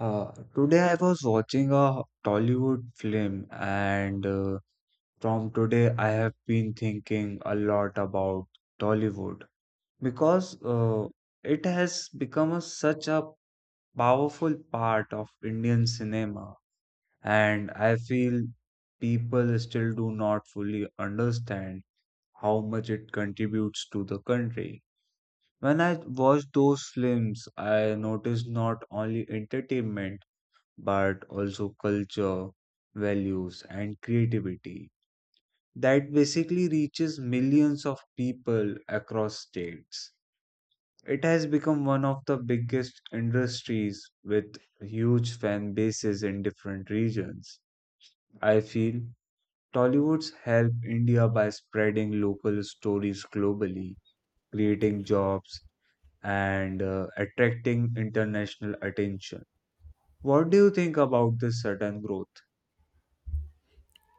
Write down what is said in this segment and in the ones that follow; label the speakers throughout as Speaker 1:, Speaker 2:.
Speaker 1: Today I was watching a Tollywood film, and from today I have been thinking a lot about Tollywood because it has become such a powerful part of Indian cinema, and I feel people still do not fully understand how much it contributes to the country. When I watch those films, I notice not only entertainment but also culture, values, and creativity that basically reaches millions of people across states. It has become one of the biggest industries with huge fan bases in different regions. I feel Tollywood's help India by spreading local stories globally, creating jobs, and attracting international attention. What do you think about this sudden growth?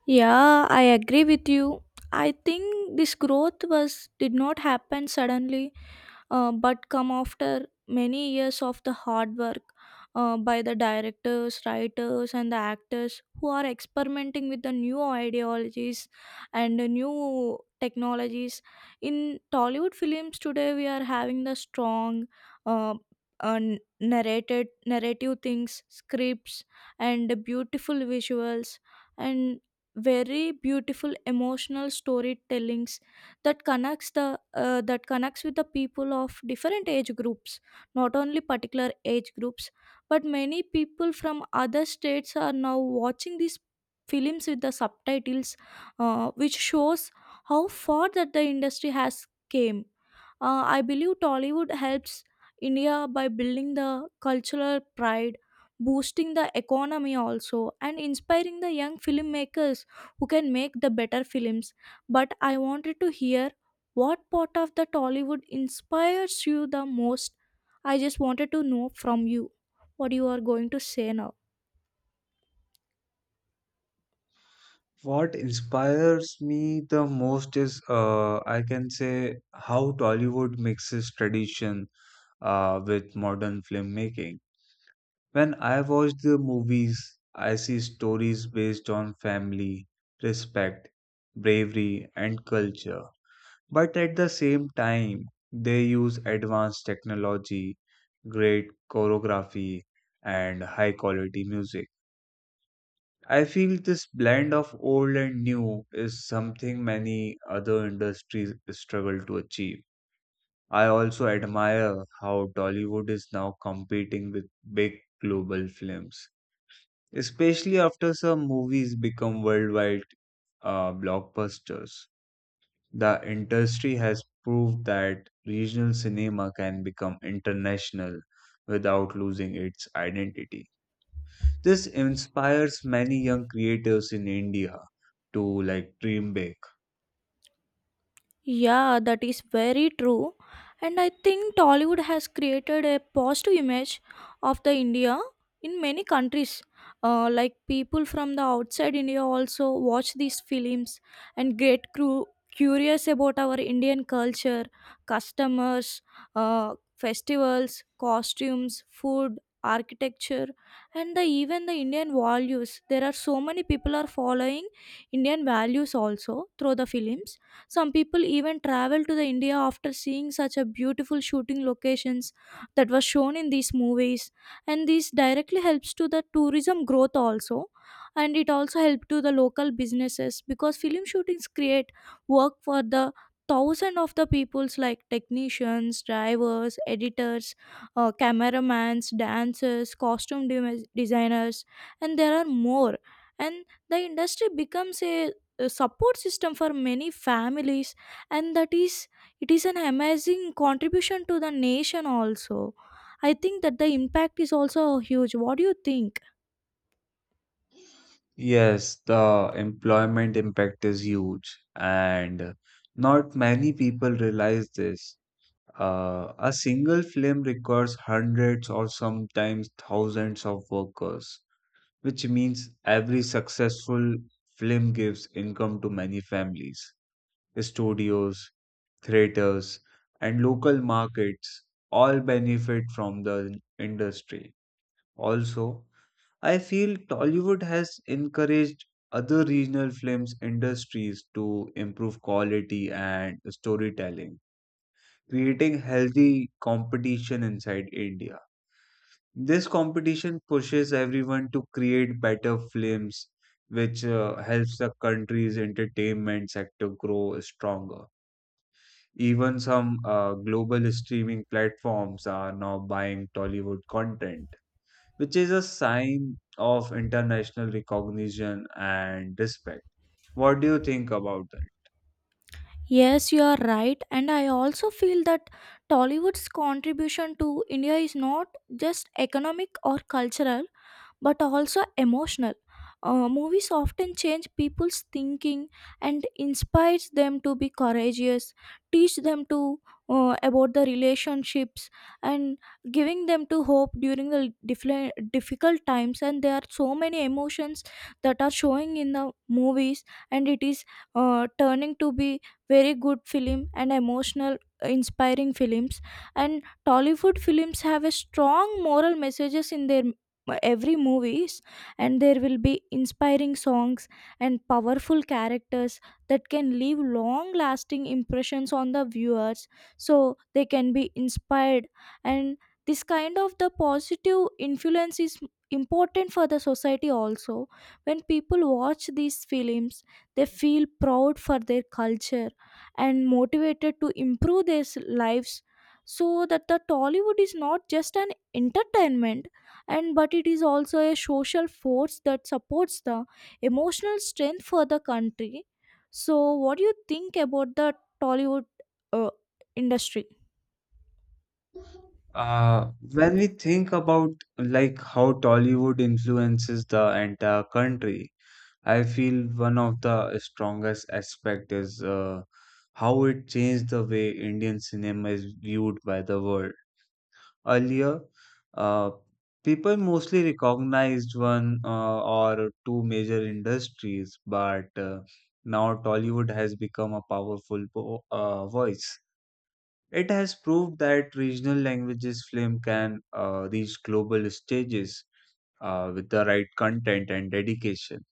Speaker 2: Yeah, I agree with you. I think this growth was did not happen suddenly but come after many years of the hard work by the directors, writers, and the actors who are experimenting with the new ideologies and the new technologies. In Tollywood films today, we are having the strong. Uh, uh, narrated Narrative things scripts and the beautiful visuals and very beautiful emotional storytellings that connects the that connects with the people of different age groups, not only particular age groups, but many people from other states are now watching these films with the subtitles, which shows how far that the industry has came. I believe Tollywood helps India by building the cultural pride, boosting the economy also, and inspiring the young filmmakers who can make the better films. But I wanted to hear what part of the Tollywood inspires you the most. I just wanted to know from you what you are going to say now.
Speaker 1: What inspires me the most is, I can say, how Tollywood mixes tradition with modern filmmaking. When I watch the movies, I see stories based on family, respect, bravery, and culture. But at the same time, they use advanced technology, great choreography, and high quality music. I feel this blend of old and new is something many other industries struggle to achieve. I also admire how Tollywood is now competing with big global films, especially after some movies become worldwide blockbusters. The industry has proved that regional cinema can become international without losing its identity. This inspires many young creatives in India to like dream big.
Speaker 2: Yeah, that is very true. And I think Tollywood has created a positive image of the India in many countries. Like people from the outside India also watch these films and get curious about our Indian culture, customers, festivals, costumes, food, architecture, and the, even the Indian values. There are so many people are following Indian values also through the films. Some people even travel to the India after seeing such a beautiful shooting locations that was shown in these movies, and this directly helps to the tourism growth also, and it also help to the local businesses because film shootings create work for the thousand of the peoples like technicians, drivers, editors, cameramans, dancers, costume designers, and there are more, and the industry becomes a support system for many families. And that is, it is an amazing contribution to the nation also. I think that the impact is also huge. What do you think?
Speaker 1: Yes, the employment impact is huge, and not many people realize this. A single film requires hundreds or sometimes thousands of workers, which means every successful film gives income to many families. Studios, theaters, and local markets all benefit from the industry. Also, I feel Tollywood has encouraged other regional films industries to improve quality and storytelling, creating healthy competition inside India. This competition pushes everyone to create better films, which helps the country's entertainment sector grow stronger. Even some global streaming platforms are now buying Tollywood content, which is a sign of international recognition and respect. What do you think about that?
Speaker 2: Yes, you are right, and I also feel that Tollywood's contribution to India is not just economic or cultural but also emotional. Movies often change people's thinking and inspires them to be courageous, teach them to about the relationships, and giving them to hope during the difficult times. And there are so many emotions that are showing in the movies, and it is turning to be very good film and emotional, inspiring films. And Tollywood films have a strong moral messages in their every movies, and there will be inspiring songs and powerful characters that can leave long lasting impressions on the viewers, so they can be inspired. And this kind of the positive influence is important for the society also. When people watch these films, they feel proud for their culture and motivated to improve their lives. So that the Tollywood is not just an entertainment and but it is also a social force that supports the emotional strength for the country. So what do you think about the Tollywood uh, industry?
Speaker 1: When we think about like how Tollywood influences the entire country, I feel one of the strongest aspect is how it changed the way Indian cinema is viewed by the world. Earlier, uh, people mostly recognized one or two major industries, but now Tollywood has become a powerful voice. It has proved that regional languages film can reach global stages with the right content and dedication.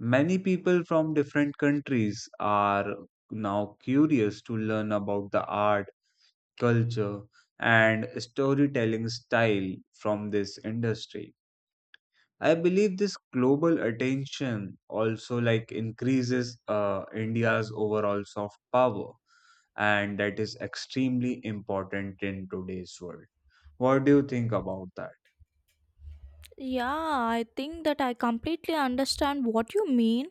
Speaker 1: Many people from different countries are now curious to learn about the art, culture, and storytelling style from this industry. I believe this global attention also like increases India's overall soft power, and that is extremely important in today's world. What do you think about that?
Speaker 2: Yeah, I think that I completely understand what you mean,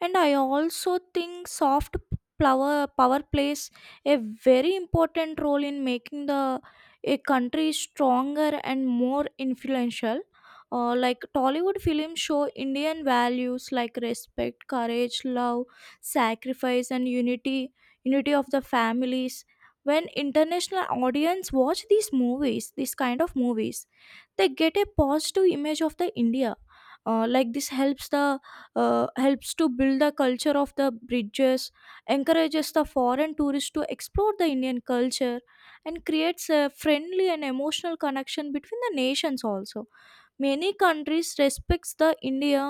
Speaker 2: and I also think soft power plays a very important role in making the a country stronger and more influential. Like Tollywood films show Indian values like respect, courage, love, sacrifice, and unity of the families. When international audience watch these movies, these kind of movies, they get a positive image of the India. Like this helps the helps to build the culture of the bridges, encourages the foreign tourists to explore the Indian culture, and creates a friendly and emotional connection between the nations also. Many countries respects the India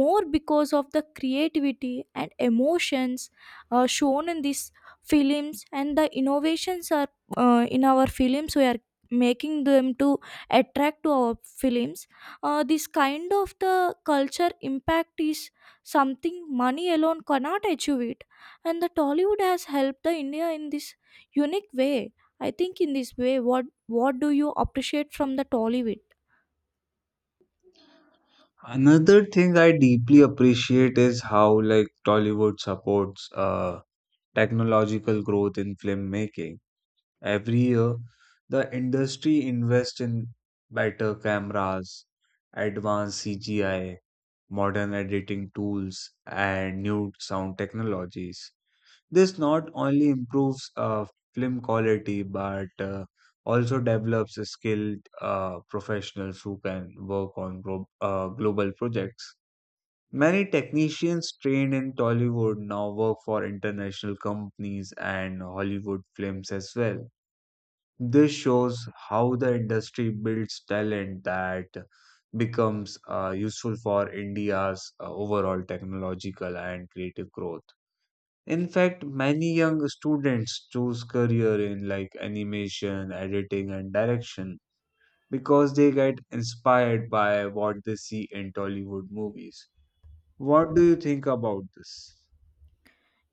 Speaker 2: more because of the creativity and emotions shown in these films. And the innovations are, in our films, we are making them to attract to our films. This kind of the culture impact is something money alone cannot achieve it, and the Tollywood has helped the India in this unique way. I think in this way, what do you appreciate from the Tollywood?
Speaker 1: Another thing I deeply appreciate is how like Tollywood supports technological growth in filmmaking. Every year, the industry invests in better cameras, advanced CGI, modern editing tools, and new sound technologies. This not only improves film quality but also develops a skilled professionals who can work on global projects. Many technicians trained in Tollywood now work for international companies and Hollywood films as well. This shows how the industry builds talent that becomes useful for India's overall technological and creative growth. In fact, many young students choose career in like animation, editing, and direction because they get inspired by what they see in Tollywood movies. What do you think about this?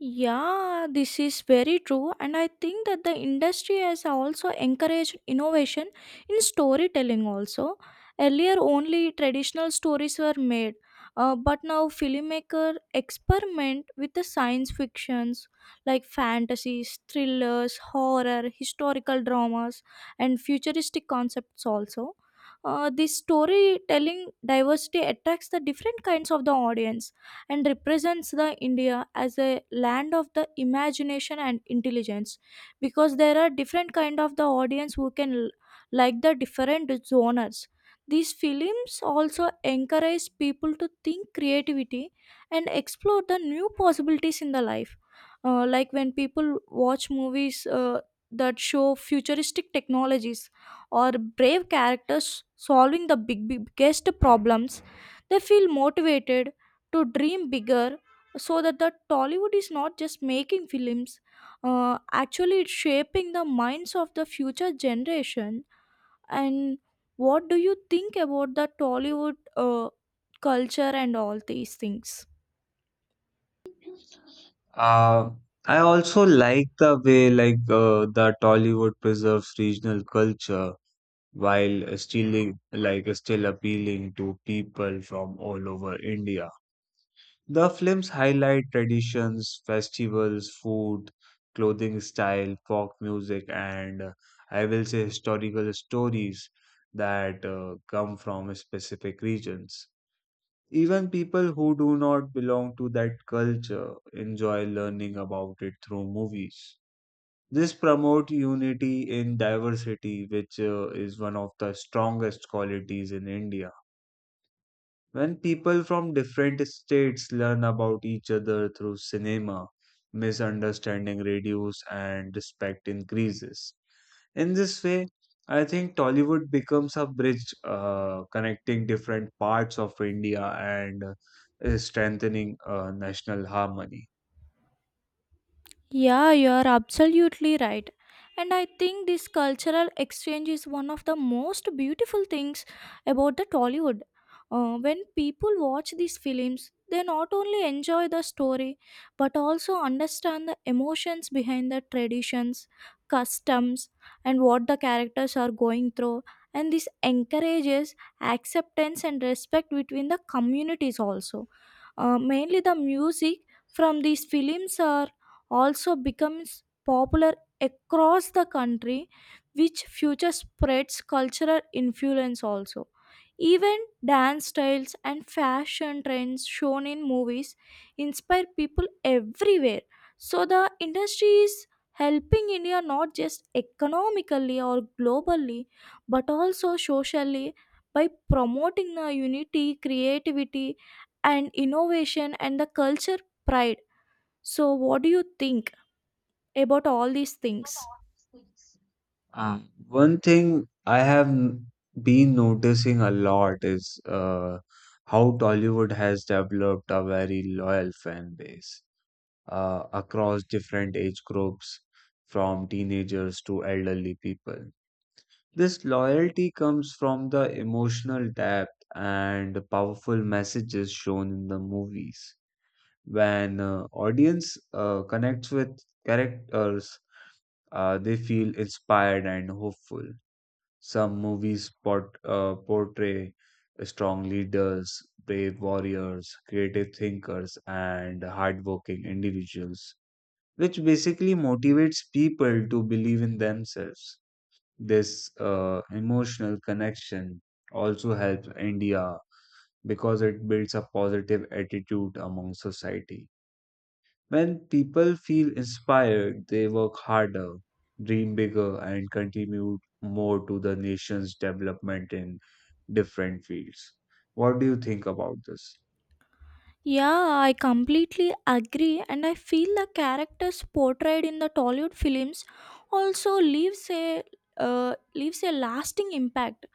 Speaker 2: Yeah, this is very true, and I think that the industry has also encouraged innovation in storytelling. Also, earlier only traditional stories were made, but now filmmaker experiment with the science fictions like fantasies, thrillers, horror, historical dramas, and futuristic concepts. Also, this storytelling diversity attracts the different kinds of the audience and represents the India as a land of the imagination and intelligence, because there are different kind of the audience who like the different genres. These films also encourage people to think creativity and explore the new possibilities in the life. Like when people watch movies that show futuristic technologies or brave characters solving the big biggest problems, they feel motivated to dream bigger. So that the Tollywood is not just making films. Actually it's shaping the minds of the future generation. And what do you think about the Tollywood uh, culture and all these things?
Speaker 1: Uh, I also like the way like the Tollywood preserves regional culture while still appealing to people from all over India. The films highlight traditions, festivals, food, clothing style, folk music, and I will say historical stories that come from specific regions. Even people who do not belong to that culture enjoy learning about it through movies. This promote unity in diversity, which is one of the strongest qualities in India. When people from different states learn about each other through cinema, misunderstanding reduces and respect increases. In this way, I think Tollywood becomes a bridge connecting different parts of India and strengthening national harmony.
Speaker 2: Yeah, you are absolutely right. And I think this cultural exchange is one of the most beautiful things about the Tollywood. When people watch these films, they not only enjoy the story but also understand the emotions behind the traditions, customs, and what the characters are going through. And this encourages acceptance and respect between the communities also. Mainly the music from these films are also becomes popular across the country, which future spreads cultural influence also. Even dance styles and fashion trends shown in movies inspire people everywhere. So the industry is helping India not just economically or globally but also socially by promoting the unity, creativity, and innovation, and the culture pride. So, what do you think about all these things?
Speaker 1: Uh, one thing I been noticing a lot is how Tollywood has developed a very loyal fan base across different age groups, from teenagers to elderly people. This loyalty comes from the emotional depth and powerful messages shown in the movies. When audience connects with characters, they feel inspired and hopeful. Some movies portray strong leaders, brave warriors, creative thinkers, and hardworking individuals, which basically motivates people to believe in themselves. This emotional connection also helps India because it builds a positive attitude among society. When people feel inspired, they work harder, dream bigger, and contribute more to the nation's development in different fields. What do you think about this?
Speaker 2: Yeah, I completely agree, and I feel the characters portrayed in the Tollywood films also leaves a leaves a lasting impact.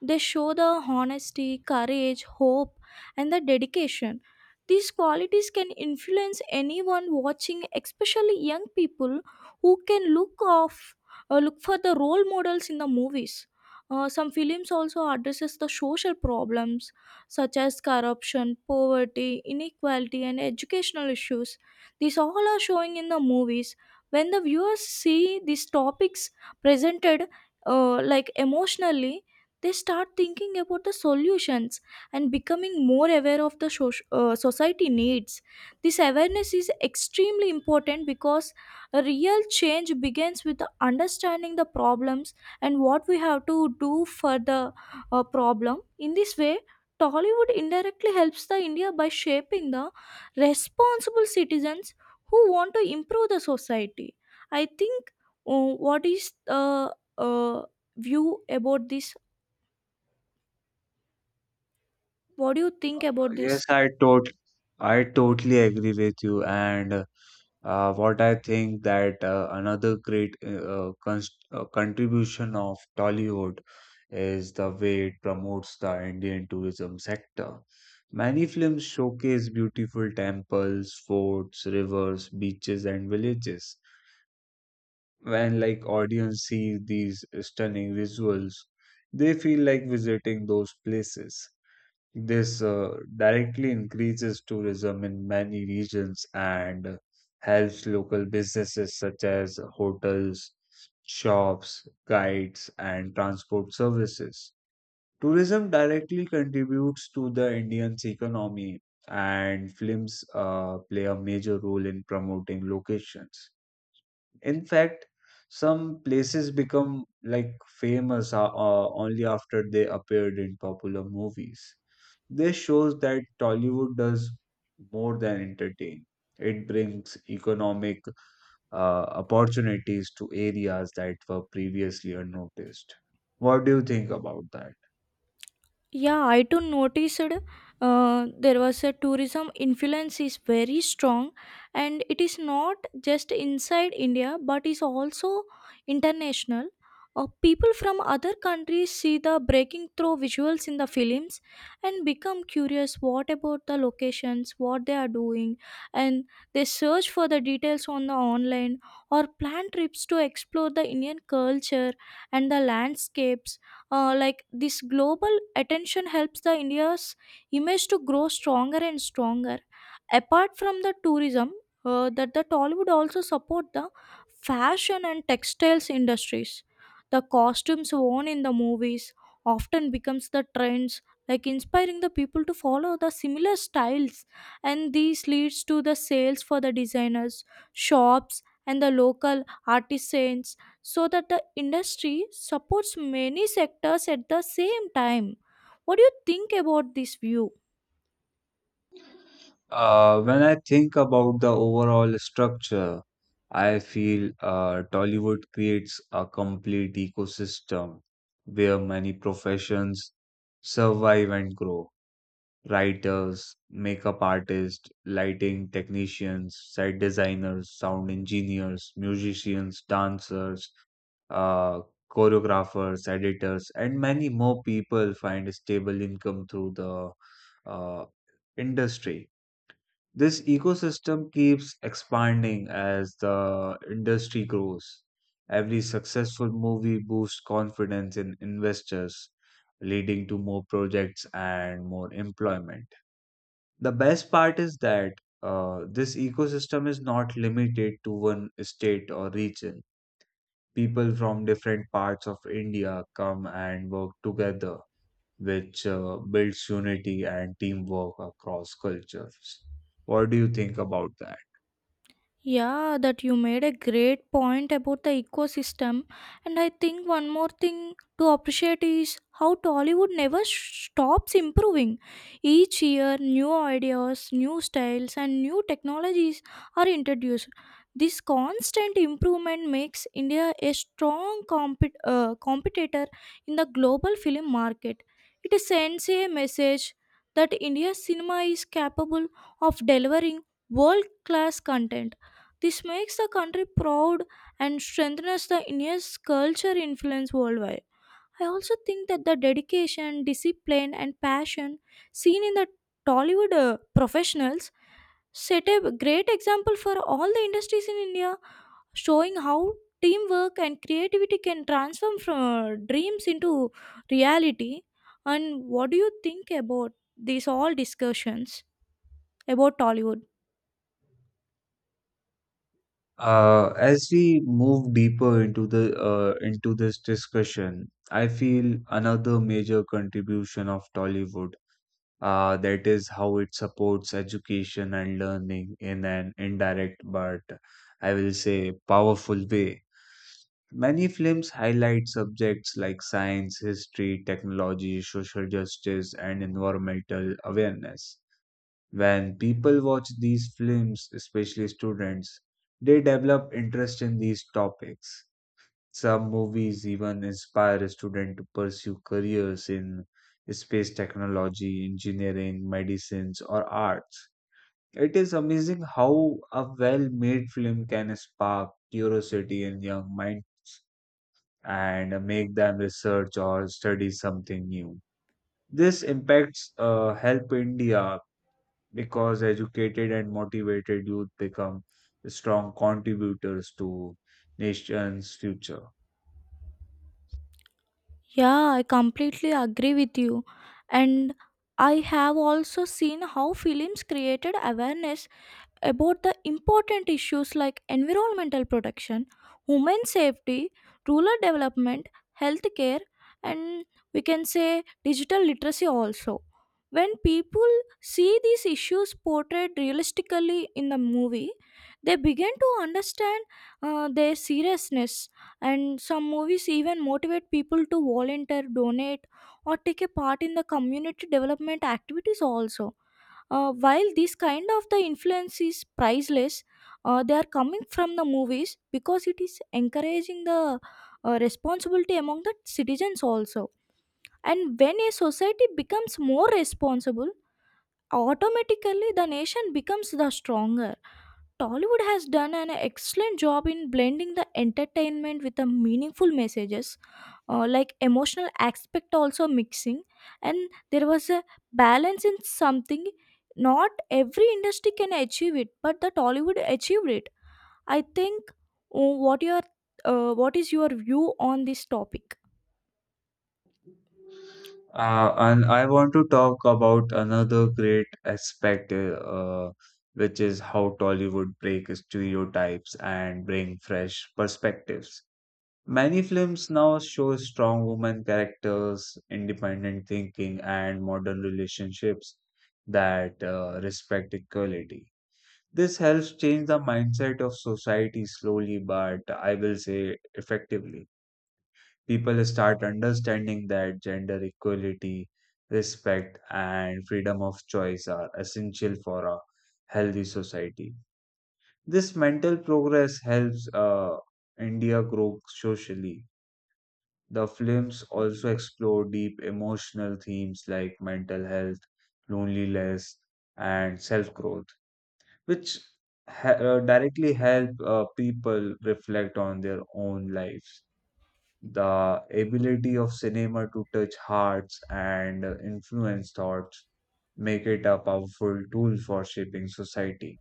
Speaker 2: They show the honesty, courage, hope, and the dedication. These qualities can influence anyone watching, especially young people who can look for the role models in the movies. Some films also addresses the social problems such as corruption, poverty, inequality, and educational issues. These all are showing in the movies. When the viewers see these topics presented like emotionally, they start thinking about the solutions and becoming more aware of the society needs. This awareness is extremely important because a real change begins with the understanding the problems and what we have to do for the problem. In this way, Tollywood indirectly helps the India by shaping the responsible citizens who want to improve the society. I think, what is the uh, view about this? What do you think about this?
Speaker 1: Yes. I totally agree with you. And what I think that another great cons contribution of Tollywood is the way it promotes the Indian tourism sector. Many films showcase beautiful temples, forts, rivers, beaches, and villages. When like audience see these stunning visuals, they feel like visiting those places. This directly increases tourism in many regions and helps local businesses such as hotels, shops, guides, and transport services. Tourism directly contributes to the Indian's economy, and films play a major role in promoting locations. In fact, some places become like famous only after they appeared in popular movies. This shows that Tollywood does more than entertain. It brings economic opportunities to areas that were previously unnoticed. What do you think about that?
Speaker 2: Yeah, I too noticed there was a tourism influence is very strong, and it is not just inside India but is also international. People from other countries see the breaking through visuals in the films and become curious what about the locations, what they are doing, and they search for the details on the online or plan trips to explore the Indian culture and the landscapes. Like this global attention helps the India's image to grow stronger and stronger. Apart from the tourism, that the Tollywood also support the fashion and textiles industries. The costumes worn in the movies often becomes the trends, like inspiring the people to follow the similar styles, and these leads to the sales for the designers, shops, and the local artisans. So that the industry supports many sectors at the same time. What do you think about this view?
Speaker 1: When I think about the overall structure, I feel Tollywood creates a complete ecosystem where many professions survive and grow. Writers, makeup artists, lighting technicians, set designers, sound engineers, musicians, dancers, uh, choreographers, editors, and many more people find a stable income through the uh, industry. This ecosystem keeps expanding as the industry grows. Every successful movie boosts confidence in investors, leading to more projects and more employment. The best part is that this ecosystem is not limited to one state or region. People from different parts of India come and work together, which builds unity and teamwork across cultures. What do you think about that?
Speaker 2: Yeah, that you made a great point about the ecosystem. And I think one more thing to appreciate is how Tollywood never stops improving. Each year, new ideas, new styles, and new technologies are introduced. This constant improvement makes India a strong competitor in the global film market. It sends a message that India's cinema is capable of delivering world class content. This makes the country proud and strengthens the India's culture influence worldwide. I also think that the dedication, discipline, and passion seen in the Tollywood professionals set a great example for all the industries in India, showing how teamwork and creativity can transform from dreams into reality. And what do you think about these all discussions about Tollywood?
Speaker 1: As we move deeper into the into this discussion, I feel another major contribution of Tollywood, that is how it supports education and learning in an indirect but I will say powerful way. Many films highlight subjects like science, history, technology, social justice, and environmental awareness when people watch these films, especially students, they develop interest in these topics. Some movies even inspire a student to pursue careers in space technology, engineering, medicines, or arts. It is amazing how a well made film can spark curiosity in young minds and make them research or study something new. This impacts help India because educated and motivated youth become strong contributors to nation's future.
Speaker 2: Yeah, I completely agree with you. And I have also seen how films created awareness about the important issues like environmental protection, human safety, rural development, healthcare, and we can say digital literacy also. When people see these issues portrayed realistically in the movie, they begin to understand their seriousness. And some movies even motivate people to volunteer, donate, or take a part in the community development activities also. While this kind of the influence is priceless, they are coming from the movies because it is encouraging the responsibility among the citizens also. And when a society becomes more responsible, automatically the nation becomes the stronger. Tollywood has done an excellent job in blending the entertainment with the meaningful messages, like emotional aspect also mixing, and there was a balance in something. Not every industry can achieve it, but the Tollywood achieved it. I think. What your what is your view on this topic?
Speaker 1: And I want to talk about another great aspect, which is how Tollywood break stereotypes and bring fresh perspectives. Many films now show strong women characters, independent thinking, and modern relationships that respect equality. This helps change the mindset of society slowly, but I will say effectively. People start understanding that gender equality, respect, and freedom of choice are essential for a healthy society. This mental progress helps India grow socially. The films also explore deep emotional themes like mental health, loneliness, and self growth which ha directly help people reflect on their own lives. The ability of cinema to touch hearts and influence thoughts make it a powerful tool for shaping society.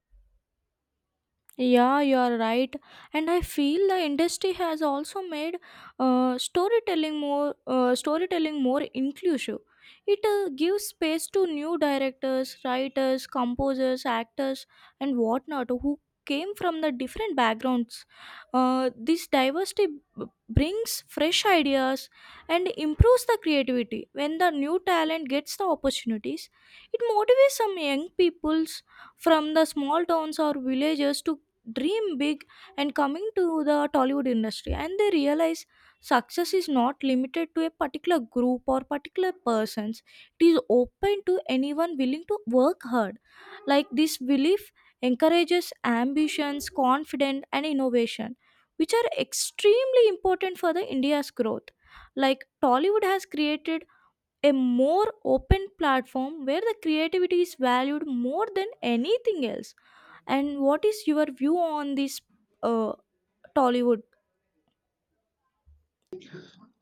Speaker 2: Yeah, you are right. And I feel the industry has also made storytelling more inclusive. It gives space to new directors, writers, composers, actors, and whatnot who came from the different backgrounds. This diversity brings fresh ideas and improves the creativity. When the new talent gets the opportunities, it motivates some young people's from the small towns or villages to dream big and coming to the Tollywood industry, and they realize success is not limited to a particular group or particular persons. It is open to anyone willing to work hard. Like this belief encourages ambitions, confidence, and innovation, which are extremely important for the India's growth. Like Tollywood has created a more open platform where the creativity is valued more than anything else. And what is your view on this uh, Tollywood?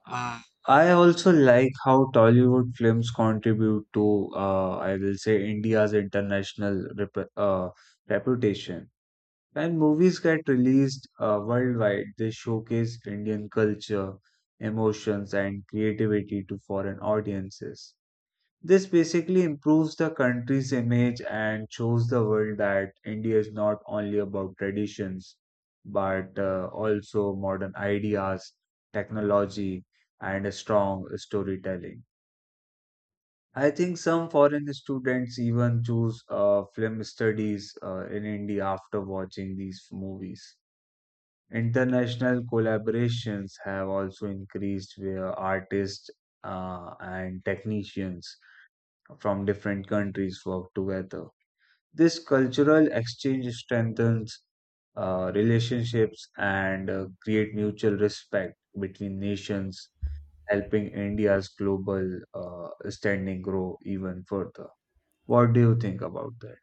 Speaker 1: Ah. I also like how Tollywood films contribute to, I will say, India's international uh, reputation. When movies get released worldwide, they showcase Indian culture, emotions, and creativity to foreign audiences. This basically improves the country's image and shows the world that India is not only about traditions, but also modern ideas, technology, and a strong storytelling. I think some foreign students even choose film studies in India after watching these movies. International collaborations have also increased where artists and technicians from different countries work together. This cultural exchange strengthens relationships and create mutual respect between nations, helping India's global standing grow even further. What do you think about that?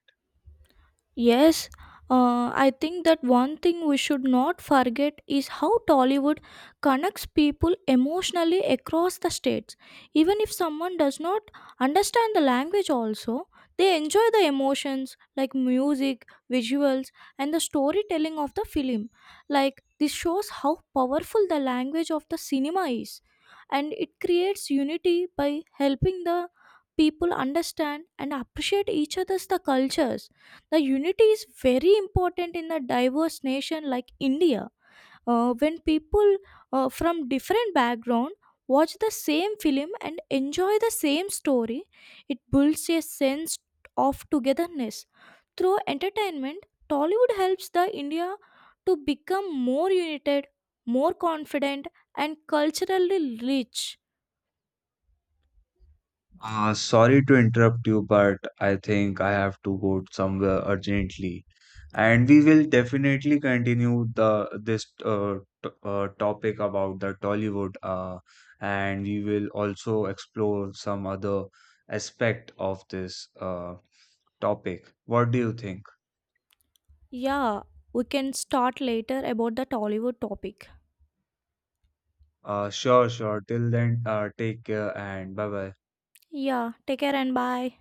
Speaker 2: Yes, I think that one thing we should not forget is how Tollywood connects people emotionally across the states. Even if someone does not understand the language, also, they enjoy the emotions like music, visuals, and the storytelling of the film. Like, this shows how powerful the language of the cinema is, and it creates unity by helping the people understand and appreciate each other's the cultures. The unity is very important in a diverse nation like India. When people from different background watch the same film and enjoy the same story, it builds a sense of togetherness. Through entertainment, Tollywood helps the India to become more united, more confident, and culturally rich.
Speaker 1: Sorry to interrupt you, but I think I have to go somewhere urgently. And we will definitely continue the this t topic about the Tollywood, and we will also explore some other aspect of this topic. What do you think?
Speaker 2: Yeah, we can start later about the Tollywood topic.
Speaker 1: Sure, sure. Till then, take care and bye bye.
Speaker 2: Yeah, take care and bye.